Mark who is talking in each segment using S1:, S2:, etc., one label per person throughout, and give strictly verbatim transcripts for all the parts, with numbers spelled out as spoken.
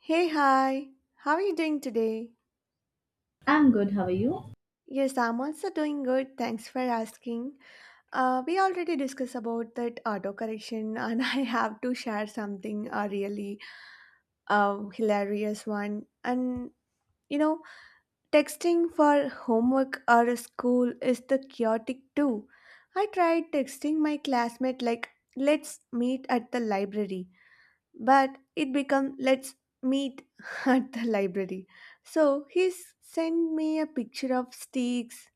S1: Hey, hi. How are you doing today?
S2: I'm good, how are you?
S1: Yes, I'm also doing good. Thanks for asking. Uh, we already discussed about that autocorrection, and I have to share something a really uh, hilarious one. And you know, texting for homework or school is the chaotic too. I tried texting my classmate like, "Let's meet at the library." But it became let's meet at the library. So he s- sent me a picture of sticks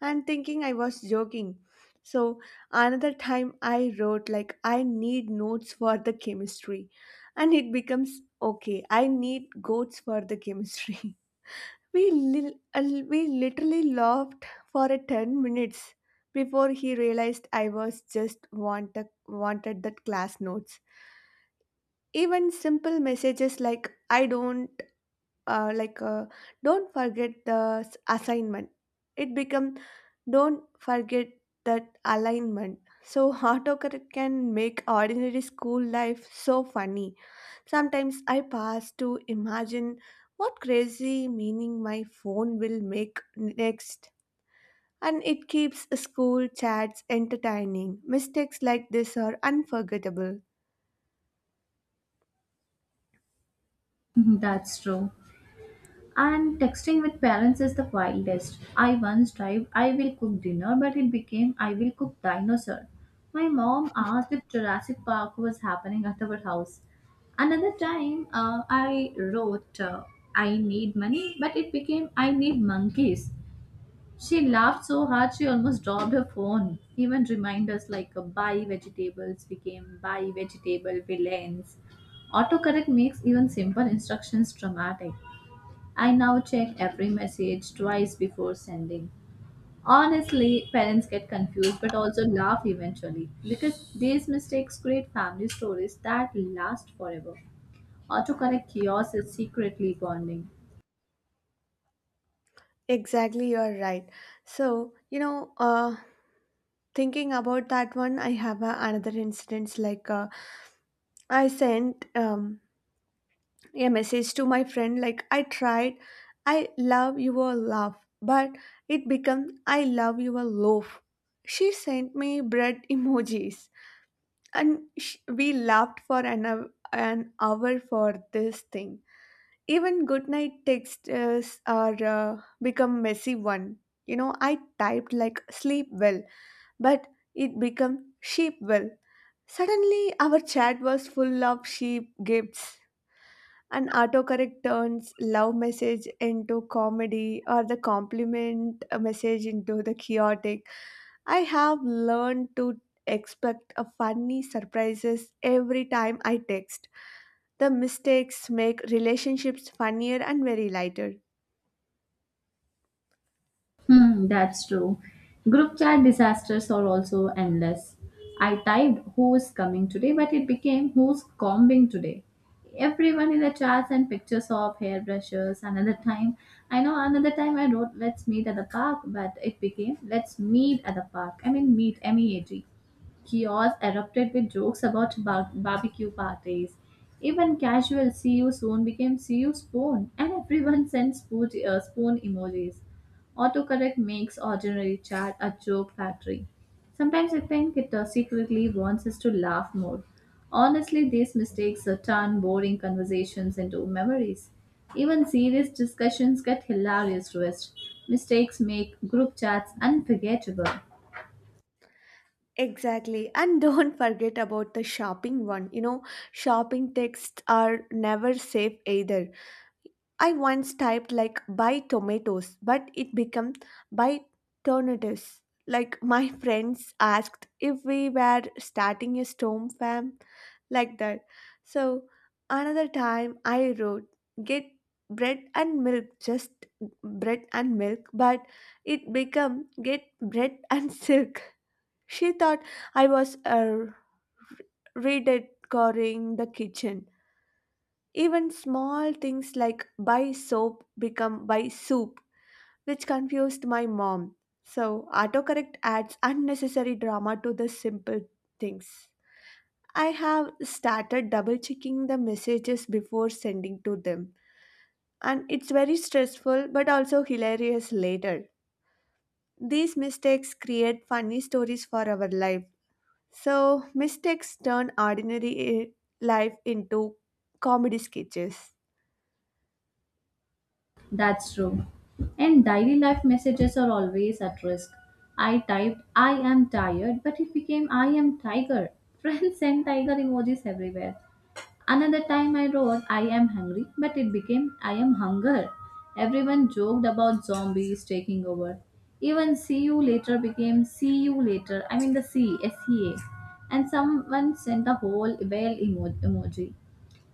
S1: and thinking I was joking. So another time I wrote like I need notes for the chemistry, and it becomes okay I need goats for the chemistry. We li- uh, we literally laughed for a ten minutes before he realized I was just want wanted that class notes. Even simple messages like I don't uh, like uh, don't forget the s- assignment, it become don't forget that alignment. So autocorrect can make ordinary school life so funny. Sometimes I pass to imagine what crazy meaning my phone will make next, and it keeps school chats entertaining. Mistakes like this are unforgettable.
S2: Mhm, that's true. And texting with parents is the wildest. I once typed, I will cook dinner, but it became, I will cook dinosaur. My mom asked if Jurassic Park was happening at our house. Another time, uh, I wrote, uh, I need money, but it became, I need monkeys. She laughed so hard she almost dropped her phone. Even reminders like uh, buy vegetables became buy vegetable villains. Autocorrect makes even simple instructions dramatic. I now check every message twice before sending. Honestly, parents get confused but also laugh eventually because these mistakes create family stories that last forever. Autocorrect chaos is secretly bonding.
S1: Exactly, you are right. So, you know, uh, thinking about that one, I have uh, another incident. Like, uh, I sent um, a message to my friend, like, I tried, I love your love, but it became, I love your loaf. She sent me bread emojis, and sh- we laughed for an, hou- an hour for this thing. Even good night texts are uh, become messy one. You know, I typed like sleep well, but it become sheep well. Suddenly, our chat was full of sheep gifts. An autocorrect turns love message into comedy or the compliment message into the chaotic. I have learned to expect a funny surprises every time I text. The mistakes make relationships funnier and very lighter.
S2: Hmm, that's true. Group chat disasters are also endless. I typed who is coming today, but it became who's combing today. Everyone in the chats and pictures of hairbrushes. Another time, I know another time I wrote let's meet at the park, but it became let's meet at the park. I mean, meet, M E A T. Kiosks erupted with jokes about bar- barbecue parties. Even casual "see you soon" became "see you spoon," and everyone sent spoon, uh, spoon emojis. Autocorrect makes ordinary chat a joke factory. Sometimes I think it uh, secretly wants us to laugh more. Honestly, these mistakes uh, turn boring conversations into memories. Even serious discussions get hilarious twists. Mistakes make group chats unforgettable.
S1: Exactly. And don't forget about the shopping one. You know, shopping texts are never safe either. I once typed like buy tomatoes, but it became buy tornadoes. Like, my friends asked if we were starting a storm fam like that. So another time I wrote get bread and milk, just bread and milk, but it became get bread and silk. She thought I was uh, redecorating the kitchen. Even small things like buy soap become buy soup, which confused my mom. So, autocorrect adds unnecessary drama to the simple things. I have started double checking the messages before sending to them, and it's very stressful but also hilarious later. These mistakes create funny stories for our life. So mistakes turn ordinary i- life into comedy sketches.
S2: That's true. And daily life messages are always at risk. I typed, I am tired, but it became, I am tiger. Friends sent tiger emojis everywhere. Another time I wrote, I am hungry, but it became, I am hunger. Everyone joked about zombies taking over. Even see you later became see you later. I mean the C, S E A. And someone sent a whole whale emo- emoji.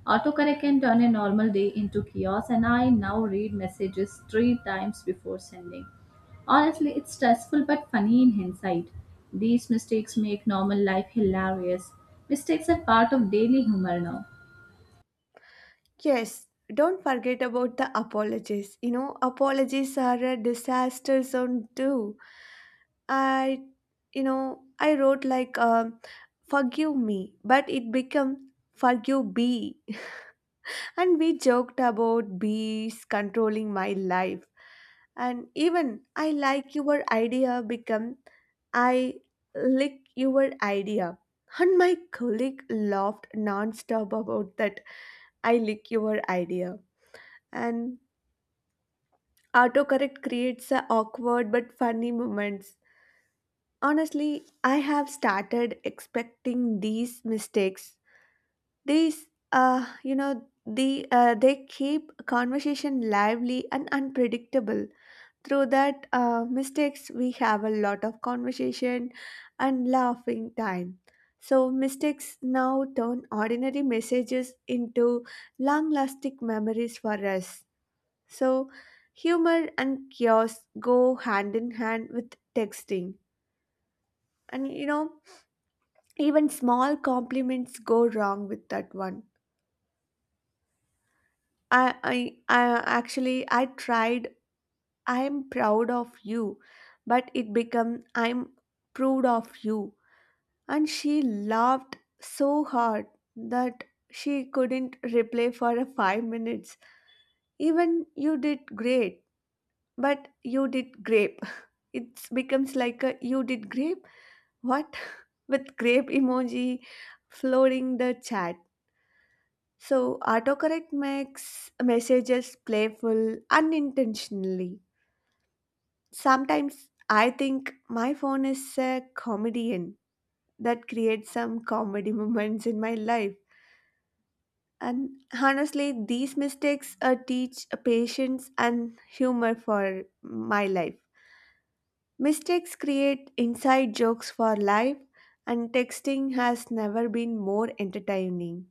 S2: Autocorrect can turn a normal day into chaos, and I now read messages three times before sending. Honestly, it's stressful but funny in hindsight. These mistakes make normal life hilarious. Mistakes are part of daily humor now.
S1: Yes, don't forget about the apologies. You know, apologies are a disaster zone too. I, you know, I wrote like, um, forgive me, but it became forgive B. And we joked about bees controlling my life. And even I like your idea become I lick your idea. And my colleague laughed non-stop about that I lick your idea. And autocorrect creates a awkward but funny moments. Honestly, I have started expecting these mistakes. These, uh, you know, the uh, They keep conversation lively and unpredictable. Through that uh, mistakes, we have a lot of conversation and laughing time. So mistakes now turn ordinary messages into long-lasting memories for us. So humor and chaos go hand in hand with texting. And you know, even small compliments go wrong with that one. I, I, I actually I tried I'm proud of you, but it become I'm proud of you, and she laughed so hard that she couldn't reply for a five minutes. Even you did great, but you did grape. It becomes like a you did grape, what? With grape emoji flooding the chat. So autocorrect makes messages playful unintentionally. Sometimes I think my phone is a comedian that creates some comedy moments in my life. And honestly, these mistakes uh, teach uh, patience and humor for my life. Mistakes create inside jokes for life, and texting has never been more entertaining.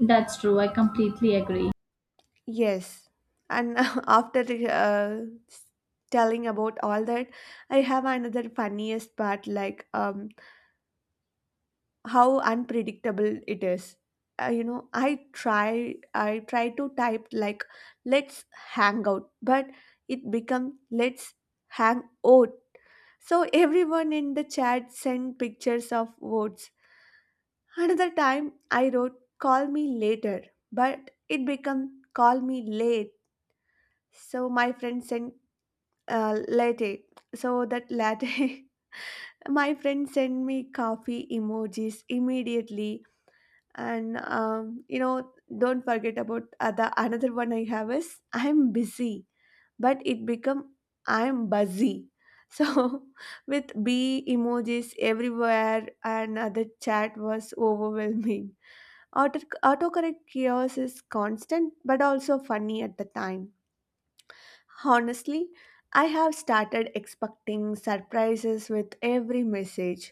S2: That's true, I completely agree.
S1: Yes, and after uh, telling about all that, I have another funniest part like um, how unpredictable it is. Uh, you know i try i try to type like let's hang out, but it become let's hang out. So everyone in the chat sent pictures of votes. Another time I wrote call me later, but it become call me late. So my friend sent uh, latte. So that latte my friend sent me coffee emojis immediately. And um, you know don't forget about other another one I have is I'm busy, but it become I'm buzzy. So with b emojis everywhere, and other chat was overwhelming. Auto, autocorrect chaos is constant but also funny at the time. Honestly, I have started expecting surprises with every message.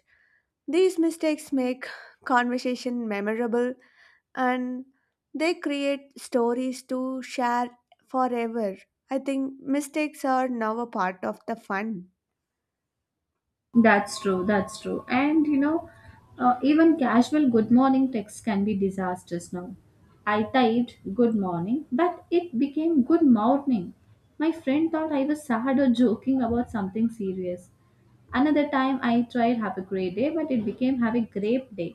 S1: These mistakes make conversation memorable, and they create stories to share forever. I think mistakes are now a part of the fun.
S2: That's true, that's true. And you know, uh, even casual good morning texts can be disastrous now. I typed good morning, but it became good morning. My friend thought I was sad or joking about something serious. Another time I tried have a great day, but it became have a grape day.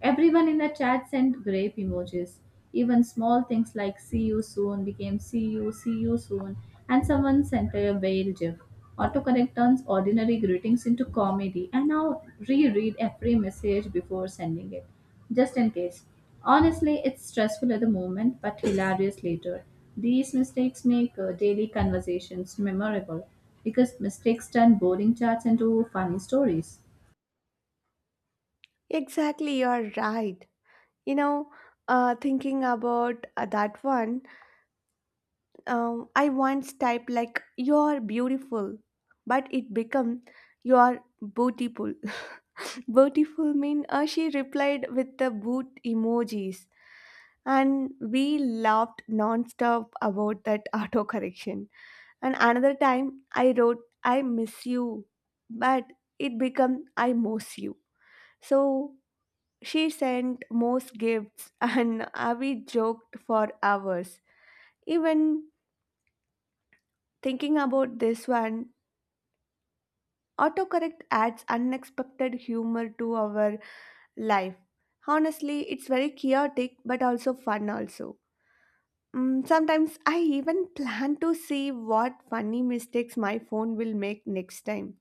S2: Everyone in the chat sent grape emojis. Even small things like see you soon became see you, see you soon, and someone sent a whale gif. Autocorrect turns ordinary greetings into comedy, and now reread every message before sending it, just in case. Honestly, it's stressful at the moment, but hilarious later. These mistakes make uh, daily conversations memorable because mistakes turn boring chats into funny stories.
S1: Exactly, you're right. You know, uh, Thinking about uh, that one, um, I once typed like "you're beautiful," but it became "you're beautiful." Beautiful mean uh, she replied with the boot emojis, and we laughed nonstop about that auto correction. And another time I wrote, I miss you, but it became I most you. So she sent most gifts and uh, we joked for hours. Even thinking about this one, autocorrect adds unexpected humor to our life. Honestly, it's very chaotic but also fun also. Mm, sometimes I even plan to see what funny mistakes my phone will make next time.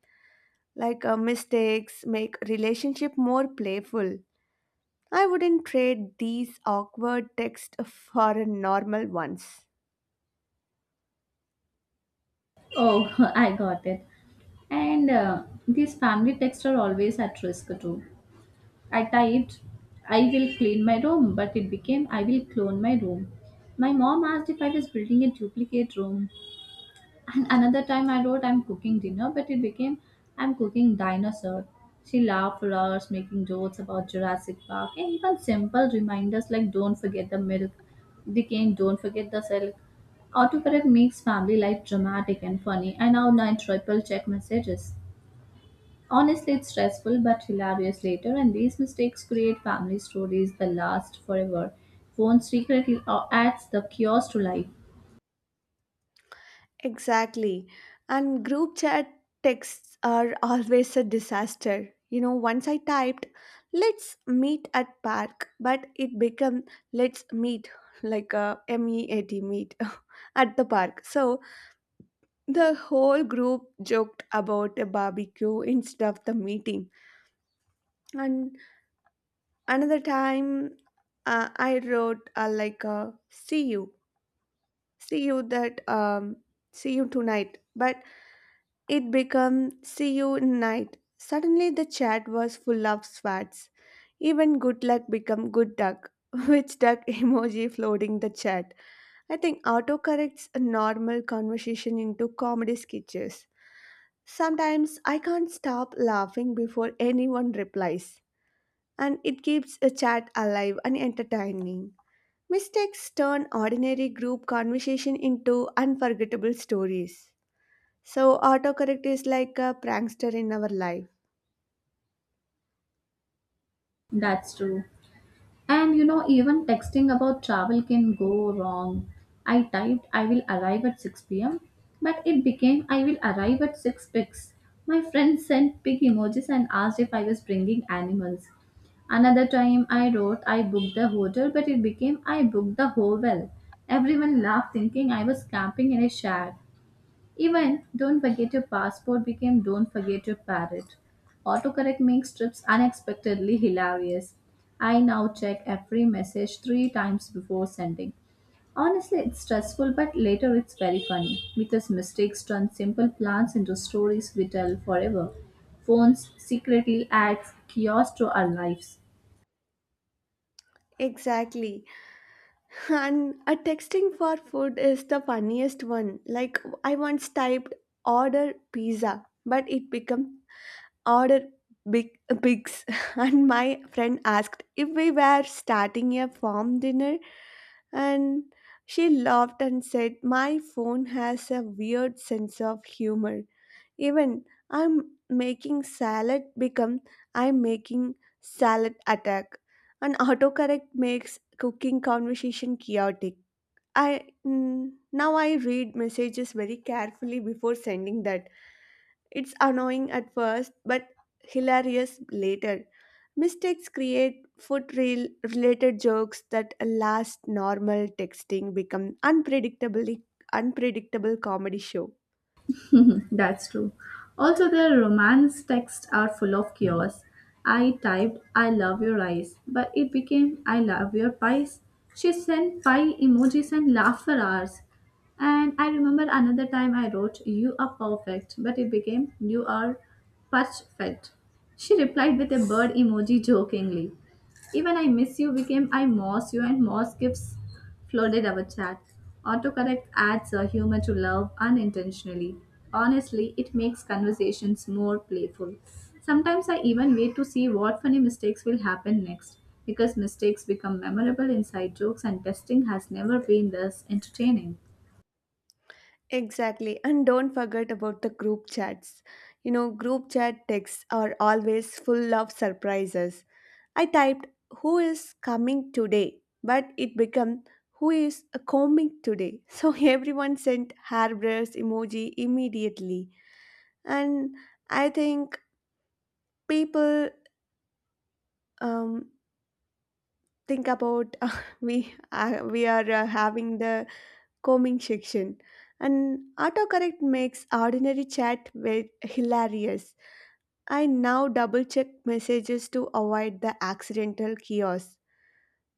S1: Like, uh, mistakes make relationship more playful. I wouldn't trade these awkward texts for a normal ones.
S2: Oh, I got it. And uh, these family texts are always at risk too. I typed, I will clean my room, but it became, I will clone my room. My mom asked if I was building a duplicate room. And another time I wrote, I'm cooking dinner, but it became, I'm cooking dinosaur. She laughed for hours, making jokes about Jurassic Park and even simple reminders like don't forget the milk, the cane, don't forget the silk. Autocorrect makes family life dramatic and funny, I now I triple check messages. Honestly, it's stressful but hilarious later, and these mistakes create family stories that last forever. Phone secretly uh, adds the chaos to life.
S1: Exactly. And group chat texts are always a disaster. You know, once I typed, let's meet at park, but it became let's meet like a M E A T meet at the park. So the whole group joked about a barbecue instead of the meeting. And another time uh, i wrote uh, like uh, see you see you that um, see you tonight, but it became see you night. Suddenly the chat was full of swats. Even good luck become good duck, which duck emoji floating the chat. I think autocorrects a normal conversation into comedy sketches. Sometimes I can't stop laughing before anyone replies, and it keeps a chat alive and entertaining. Mistakes turn ordinary group conversation into unforgettable stories. So, autocorrect is like a prankster in our life.
S2: That's true. And you know, even texting about travel can go wrong. I typed I will arrive at six p m, but it became I will arrive at six pigs. My friend sent pig emojis and asked if I was bringing animals. Another time I wrote I booked the hotel, but it became I booked the hovel. Everyone laughed thinking I was camping in a shack. Even don't forget your passport became don't forget your parrot. Autocorrect makes trips unexpectedly hilarious. I now check every message three times before sending. Honestly, it's stressful, but later it's very funny because mistakes turn simple plans into stories we tell forever. Phones secretly adds chaos to our lives.
S1: Exactly. And a texting for food is the funniest one. Like, I once typed order pizza, but it became order big pigs. And my friend asked if we were starting a farm dinner. And she laughed and said, my phone has a weird sense of humor. Even I'm making salad become I'm making salad attack. And autocorrect makes cooking conversation chaotic. I mm, now I read messages very carefully before sending that. It's annoying at first, but hilarious later. Mistakes create foot reel related jokes that last. Normal texting become unpredictably unpredictable comedy show.
S2: That's true. Also, their romance texts are full of chaos. I typed, I love your eyes, but it became, I love your pies. She sent pie emojis and laughed for hours. And I remember another time I wrote, you are perfect, but it became, you are perfect. She replied with a bird emoji jokingly. Even I miss you became I moss you and moss gives flooded our chat. Autocorrect adds a humor to love unintentionally. Honestly, it makes conversations more playful. Sometimes I even wait to see what funny mistakes will happen next because mistakes become memorable inside jokes and testing has never been this entertaining.
S1: Exactly, and don't forget about the group chats. You know, group chat texts are always full of surprises. I typed who is coming today, but it became who is combing today. So everyone sent hairbrush emoji immediately. And I think people um, think about we uh, we are uh, having the combing section. And autocorrect makes ordinary chat very hilarious. I now double check messages to avoid the accidental chaos.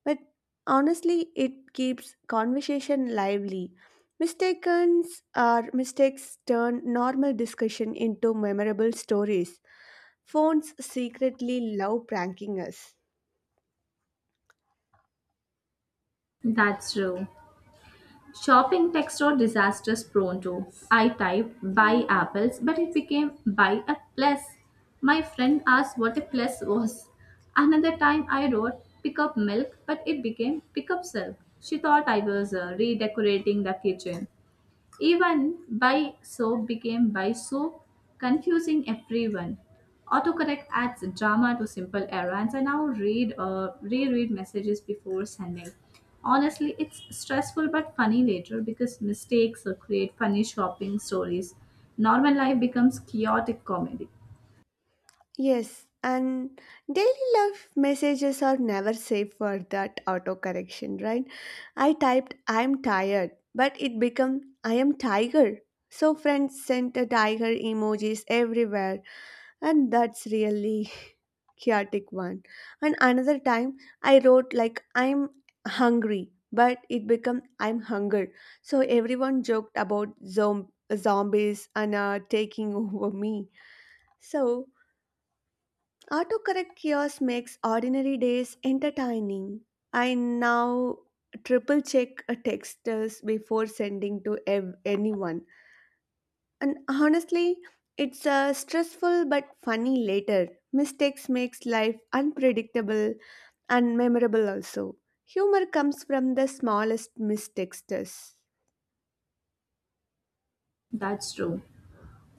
S1: But honestly, it keeps conversation lively. Mistakes or mistakes turn normal discussion into memorable stories. Phones secretly love pranking us.
S2: That's true. Shopping text or disasters prone to. I typed buy apples, but it became buy a plus. My friend asked what a plus was. Another time I wrote pick up milk, but it became pick up silk. She thought I was uh, redecorating the kitchen. Even by soap became by soap, confusing everyone. Autocorrect adds drama to simple errands. I now read uh, reread messages before sending. Honestly, it's stressful but funny later because mistakes uh, create funny shopping stories. Normal life becomes chaotic comedy.
S1: Yes, and daily love messages are never safe for that autocorrection, right? I typed I'm tired, but it became I am tiger. So friends sent a tiger emojis everywhere. And that's really chaotic one. And another time I wrote like I'm hungry, but it became I'm hunger. So everyone joked about zom- zombies and uh, taking over me. So autocorrect chaos makes ordinary days entertaining. I now triple check a texters before sending to ev- anyone. And honestly, it's uh, stressful but funny later. Mistakes makes life unpredictable and memorable also. Humor comes from the smallest mistakes. Does.
S2: That's true.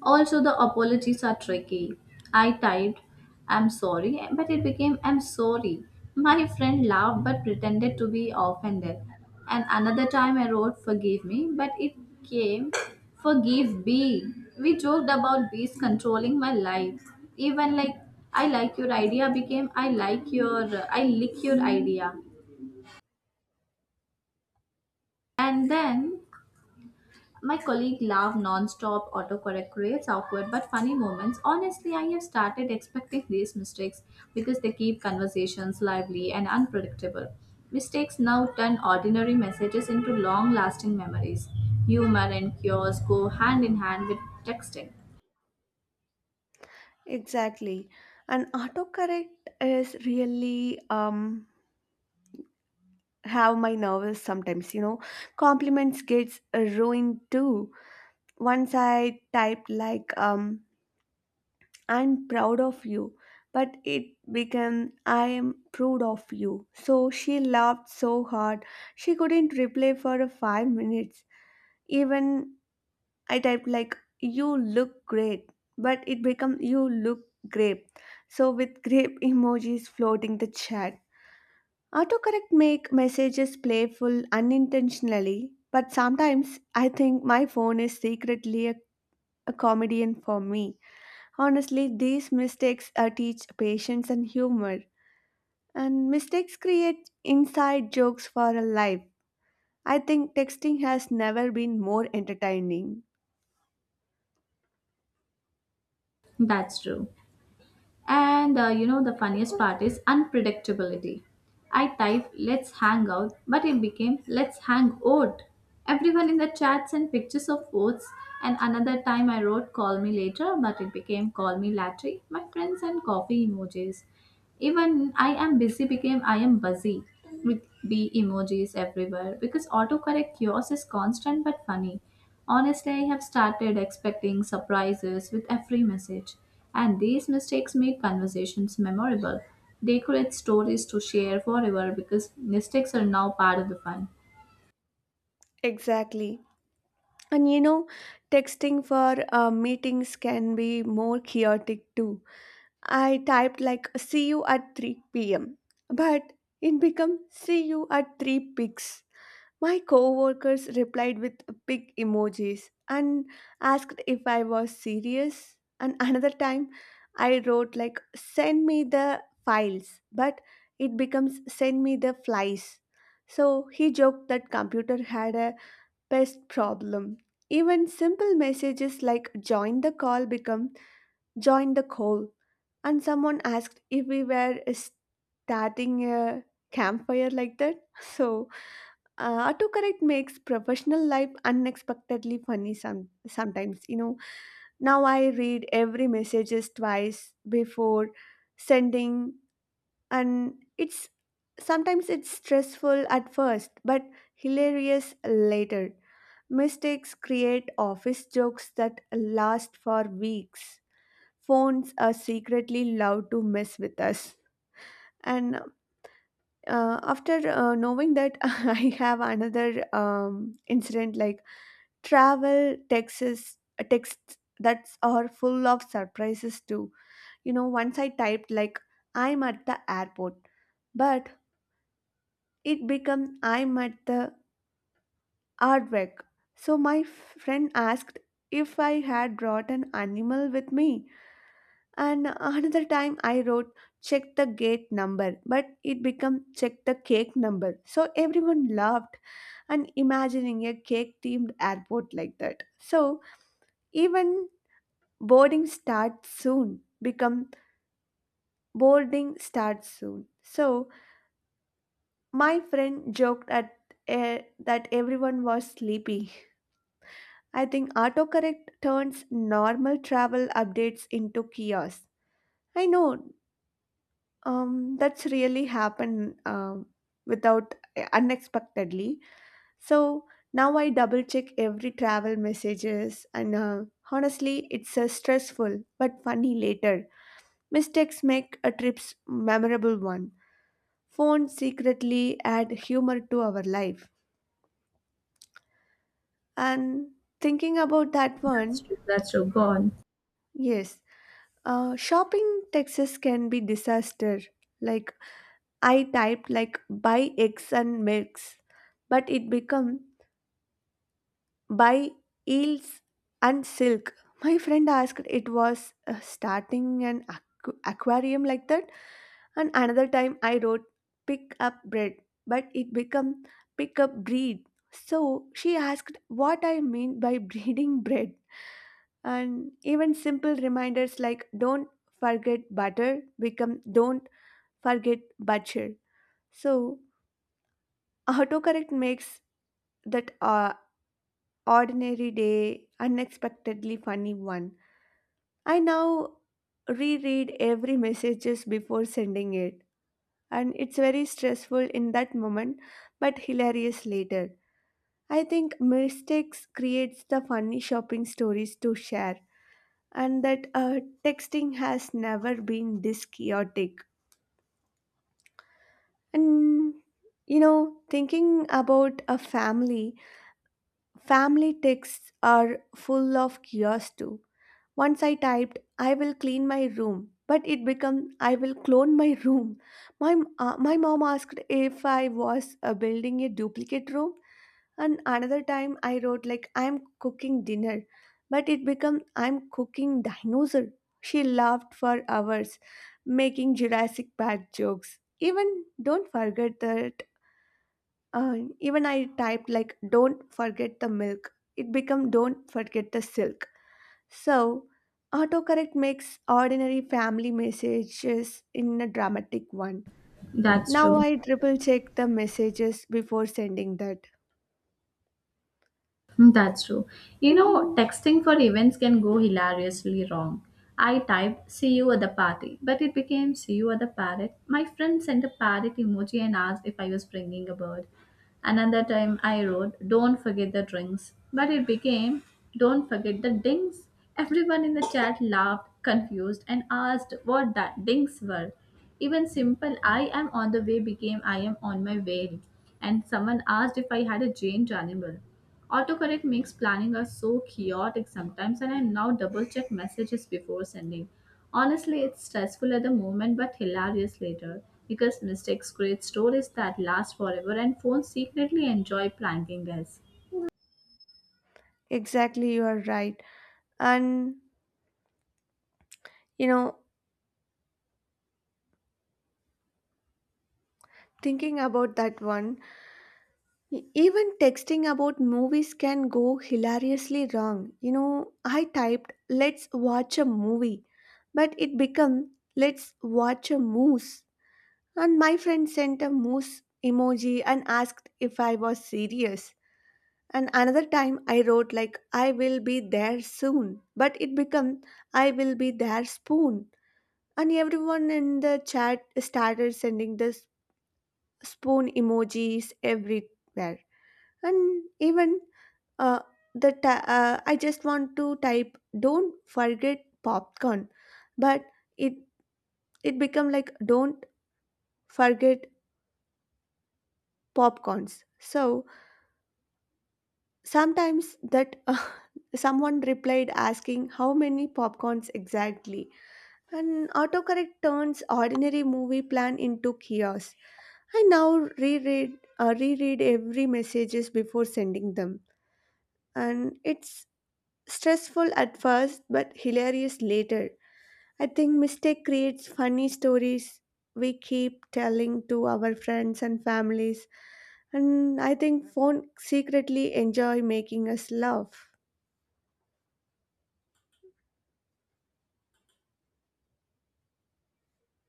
S2: Also, the apologies are tricky. I typed, I'm sorry, but it became, I'm sorry. My friend laughed but pretended to be offended. And another time I wrote, forgive me, but it came, forgive B. We joked about bees controlling my life. Even like, I like your idea became, I like your, I lick your idea. And then my colleague laughed non-stop. Autocorrect creates awkward but funny moments. Honestly, I have started expecting these mistakes because they keep conversations lively and unpredictable. Mistakes now turn ordinary messages into long-lasting memories. Humor and chaos go hand in hand with texting.
S1: Exactly. And autocorrect is really um how my novels sometimes, you know, compliments gets uh, ruined too. Once I typed like um I'm proud of you. But it became, I am proud of you. So she laughed so hard, she couldn't reply for five minutes. Even I typed, like, you look great, but it became, you look grape. So with grape emojis floating the chat. Autocorrect make messages playful unintentionally, but sometimes I think my phone is secretly a, a comedian for me. Honestly, these mistakes uh, teach patience and humor, and mistakes create inside jokes for a life. I think texting has never been more entertaining.
S2: That's true. And uh, you know, the funniest part is unpredictability. I type, let's hang out, but it became, let's hang out. Everyone in the chat sent pictures of oats, and another time I wrote, call me later, but it became, call me latte. My friends sent coffee emojis. Even I am busy became I am busy with bee emojis everywhere because autocorrect yours is constant but funny. Honestly, I have started expecting surprises with every message, and these mistakes make conversations memorable. They create stories to share forever because mistakes are now part of the fun.
S1: Exactly. And you know, texting for uh, meetings can be more chaotic too. I typed like see you at three p m, but it become see you at three pics. My coworkers replied with big emojis and asked if I was serious. And another time I wrote, like, send me the files, but it becomes send me the flies. So he joked that computer had a pest problem. Even simple messages like join the call become join the call. And someone asked if we were starting a campfire like that. So uh, autocorrect makes professional life unexpectedly funny some, sometimes, you know. Now I read every messages twice before sending, and it's sometimes it's stressful at first but hilarious later. Mistakes create office jokes that last for weeks. Phones are secretly allowed to mess with us. And uh, after uh, knowing that, I have another um, incident like travel texts, uh, texts that are full of surprises too. You know, once I typed, like, I'm at the airport, but it became I'm at the artwork. So my friend asked if I had brought an animal with me. And another time I wrote check the gate number, but it became check the cake number. So everyone laughed and imagining a cake themed airport like that. So even boarding starts soon become boarding starts soon. So my friend joked at eh, that everyone was sleepy. I think autocorrect turns normal travel updates into chaos. I know, um, that's really happened um, without eh, unexpectedly. So now I double check every travel messages, and uh, honestly it's uh, stressful but funny later. Mistakes make a trip's memorable one. Phones secretly add humor to our life. And thinking about that
S2: That's
S1: one,
S2: true. That's true. Go on.
S1: yes, uh, shopping texts can be disaster. Like I typed, like, buy eggs and milks, but it become by eels and silk. My friend asked it was uh, starting an aqu- aquarium like that. And another time I wrote pick up bread, but it become pick up breed. So she asked what I mean by breeding bread. And even simple reminders like don't forget butter become don't forget butcher. So autocorrect makes that uh, ordinary day, unexpectedly funny one. I now reread every messages before sending it, and it's very stressful in that moment but hilarious later. I think mistakes creates the funny shopping stories to share, and that uh, texting has never been this chaotic. And you know, thinking about a family. Family texts are full of chaos too. Once I typed, I will clean my room, but it became, I will clone my room. My, m- uh, my mom asked if I was uh, building a duplicate room, and another time I wrote, like, I'm cooking dinner, but it became, I'm cooking dinosaur. She laughed for hours, making Jurassic Park jokes. Even don't forget that uh, even I typed, like, "Don't forget the milk." It became "Don't forget the silk." So, autocorrect makes ordinary family messages in a dramatic one.
S2: That's
S1: Now
S2: true.
S1: I triple check the messages before sending that.
S2: Hmm, that's true. You know, texting for events can go hilariously wrong. I typed, see you at the party, but it became see you at the parrot. My friend sent a parrot emoji and asked if I was bringing a bird. Another time I wrote, don't forget the drinks, but it became, don't forget the dings. Everyone in the chat laughed, confused, and asked what that dings were. Even simple, I am on the way became I am on my way. And someone asked if I had a giant animal. Autocorrect makes planning us so chaotic sometimes, and I now double check messages before sending. Honestly, it's stressful at the moment but hilarious later because mistakes create stories that last forever, and phones secretly enjoy pranking us.
S1: Exactly, you are right. And you know, thinking about that one, E- Even texting about movies can go hilariously wrong. You know, I typed, let's watch a movie, but it became, let's watch a moose. And my friend sent a moose emoji and asked if I was serious. And another time I wrote, like, I will be there soon, but it became, I will be there spoon. And everyone in the chat started sending the s- spoon emojis everywhere, and even uh, the ti- uh, I just want to type don't forget popcorn, but it it become like don't forget popcorns. So sometimes that someone replied asking how many popcorns exactly. And autocorrect turns ordinary movie plan into chaos. I now reread uh, reread every messages before sending them, and it's stressful at first, but hilarious later. I think mistake creates funny stories we keep telling to our friends and families. And I think phone secretly enjoy making us laugh.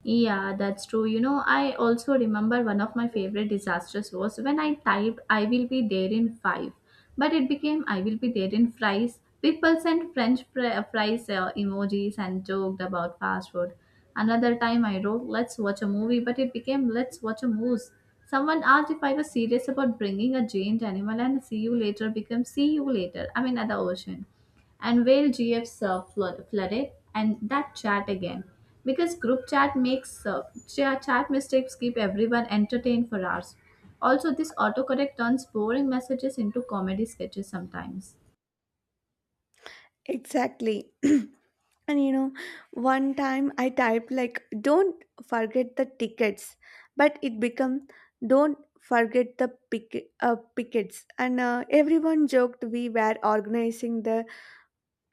S2: Yeah, that's true. You know, I also remember one of my favorite disasters was when I typed I will be there in five, but it became I will be there in fries. People sent French fri- uh, fries uh, emojis and joked about fast food. Another time I wrote, let's watch a movie, but it became let's watch a moose. Someone asked if I was serious about bringing a giant animal, and see you later became see you later. I mean, at the ocean and where G Fs uh, flo- flooded and that chat again. Because group chat makes uh, cha- chat mistakes keep everyone entertained for hours. Also, this autocorrect turns boring messages into comedy sketches sometimes.
S1: Exactly. And you know, one time I typed, like, don't forget the tickets, but it become don't forget the pick uh, pickets, and uh, everyone joked we were organizing the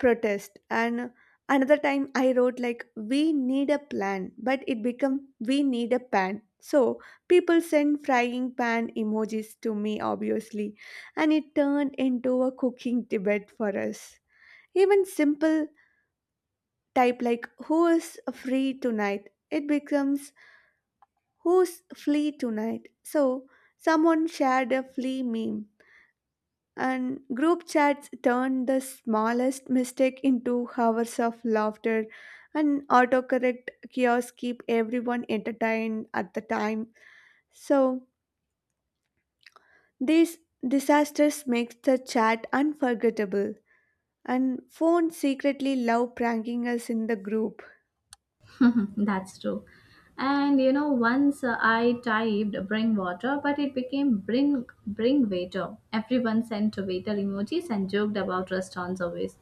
S1: protest. And another time I wrote, like, we need a plan, but it become we need a pan. So people send frying pan emojis to me obviously, and it turned into a cooking debate for us. Even simple type like who is free tonight it becomes who's flea tonight. So someone shared a flea meme. And group chats turned the smallest mistake into hours of laughter, and autocorrect kiosks keep everyone entertained at the time. So, these disasters make the chat unforgettable, and phones secretly love pranking us in the group.
S2: That's true. And you know, once uh, I typed bring water, but it became bring bring waiter. Everyone sent waiter emojis and joked about restaurant service.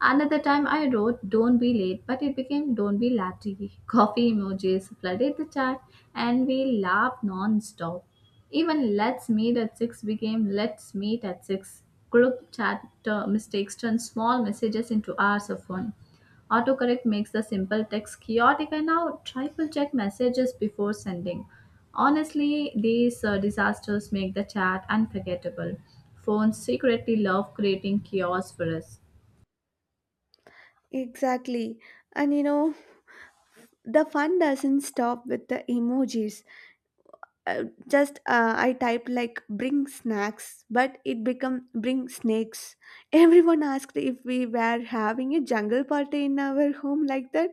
S2: Another time I wrote don't be late, but it became don't be latte. Coffee emojis flooded the chat and we laughed non-stop. Even let's meet at six became let's meet at six. Group chat uh, Mistakes turned small messages into hours of fun. Autocorrect makes the simple text chaotic. I now triple check messages before sending. Honestly, these uh, disasters make the chat unforgettable. Phones secretly love creating chaos for us.
S1: Exactly. And you know, the fun doesn't stop with the emojis. Uh, just uh, I typed, like, bring snacks, but it become bring snakes. Everyone asked if we were having a jungle party in our home like that.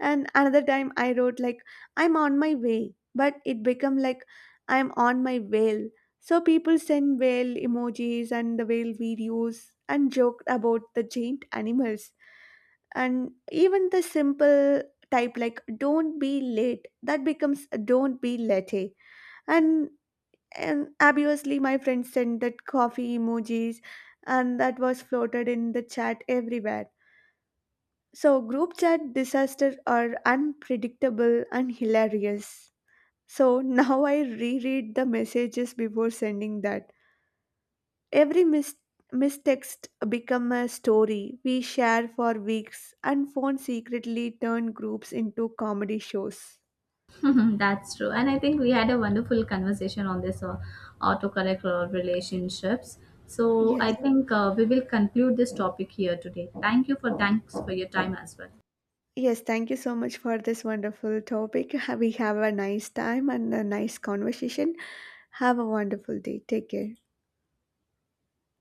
S1: And another time I wrote, like, I'm on my way, but it become like I'm on my whale. So people send whale emojis and the whale videos, and joked about the giant animals. And even the simple type like don't be late that becomes don't be late. and and obviously my friend sent that coffee emojis, and that was floated in the chat everywhere. So group chat disasters are unpredictable and hilarious. So now I reread the messages before sending that. Every mis- mistext become a story we share for weeks, and phone secretly turn groups into comedy shows.
S2: That's true. And I think we had a wonderful conversation on this uh, autocorrect uh, relationships. So
S1: yes
S2: I think uh, we will conclude this topic here today. Thank you for thanks for your time as well.
S1: Yes, thank you so much for this wonderful topic. We have a nice time and a nice conversation. Have a wonderful day. Take care.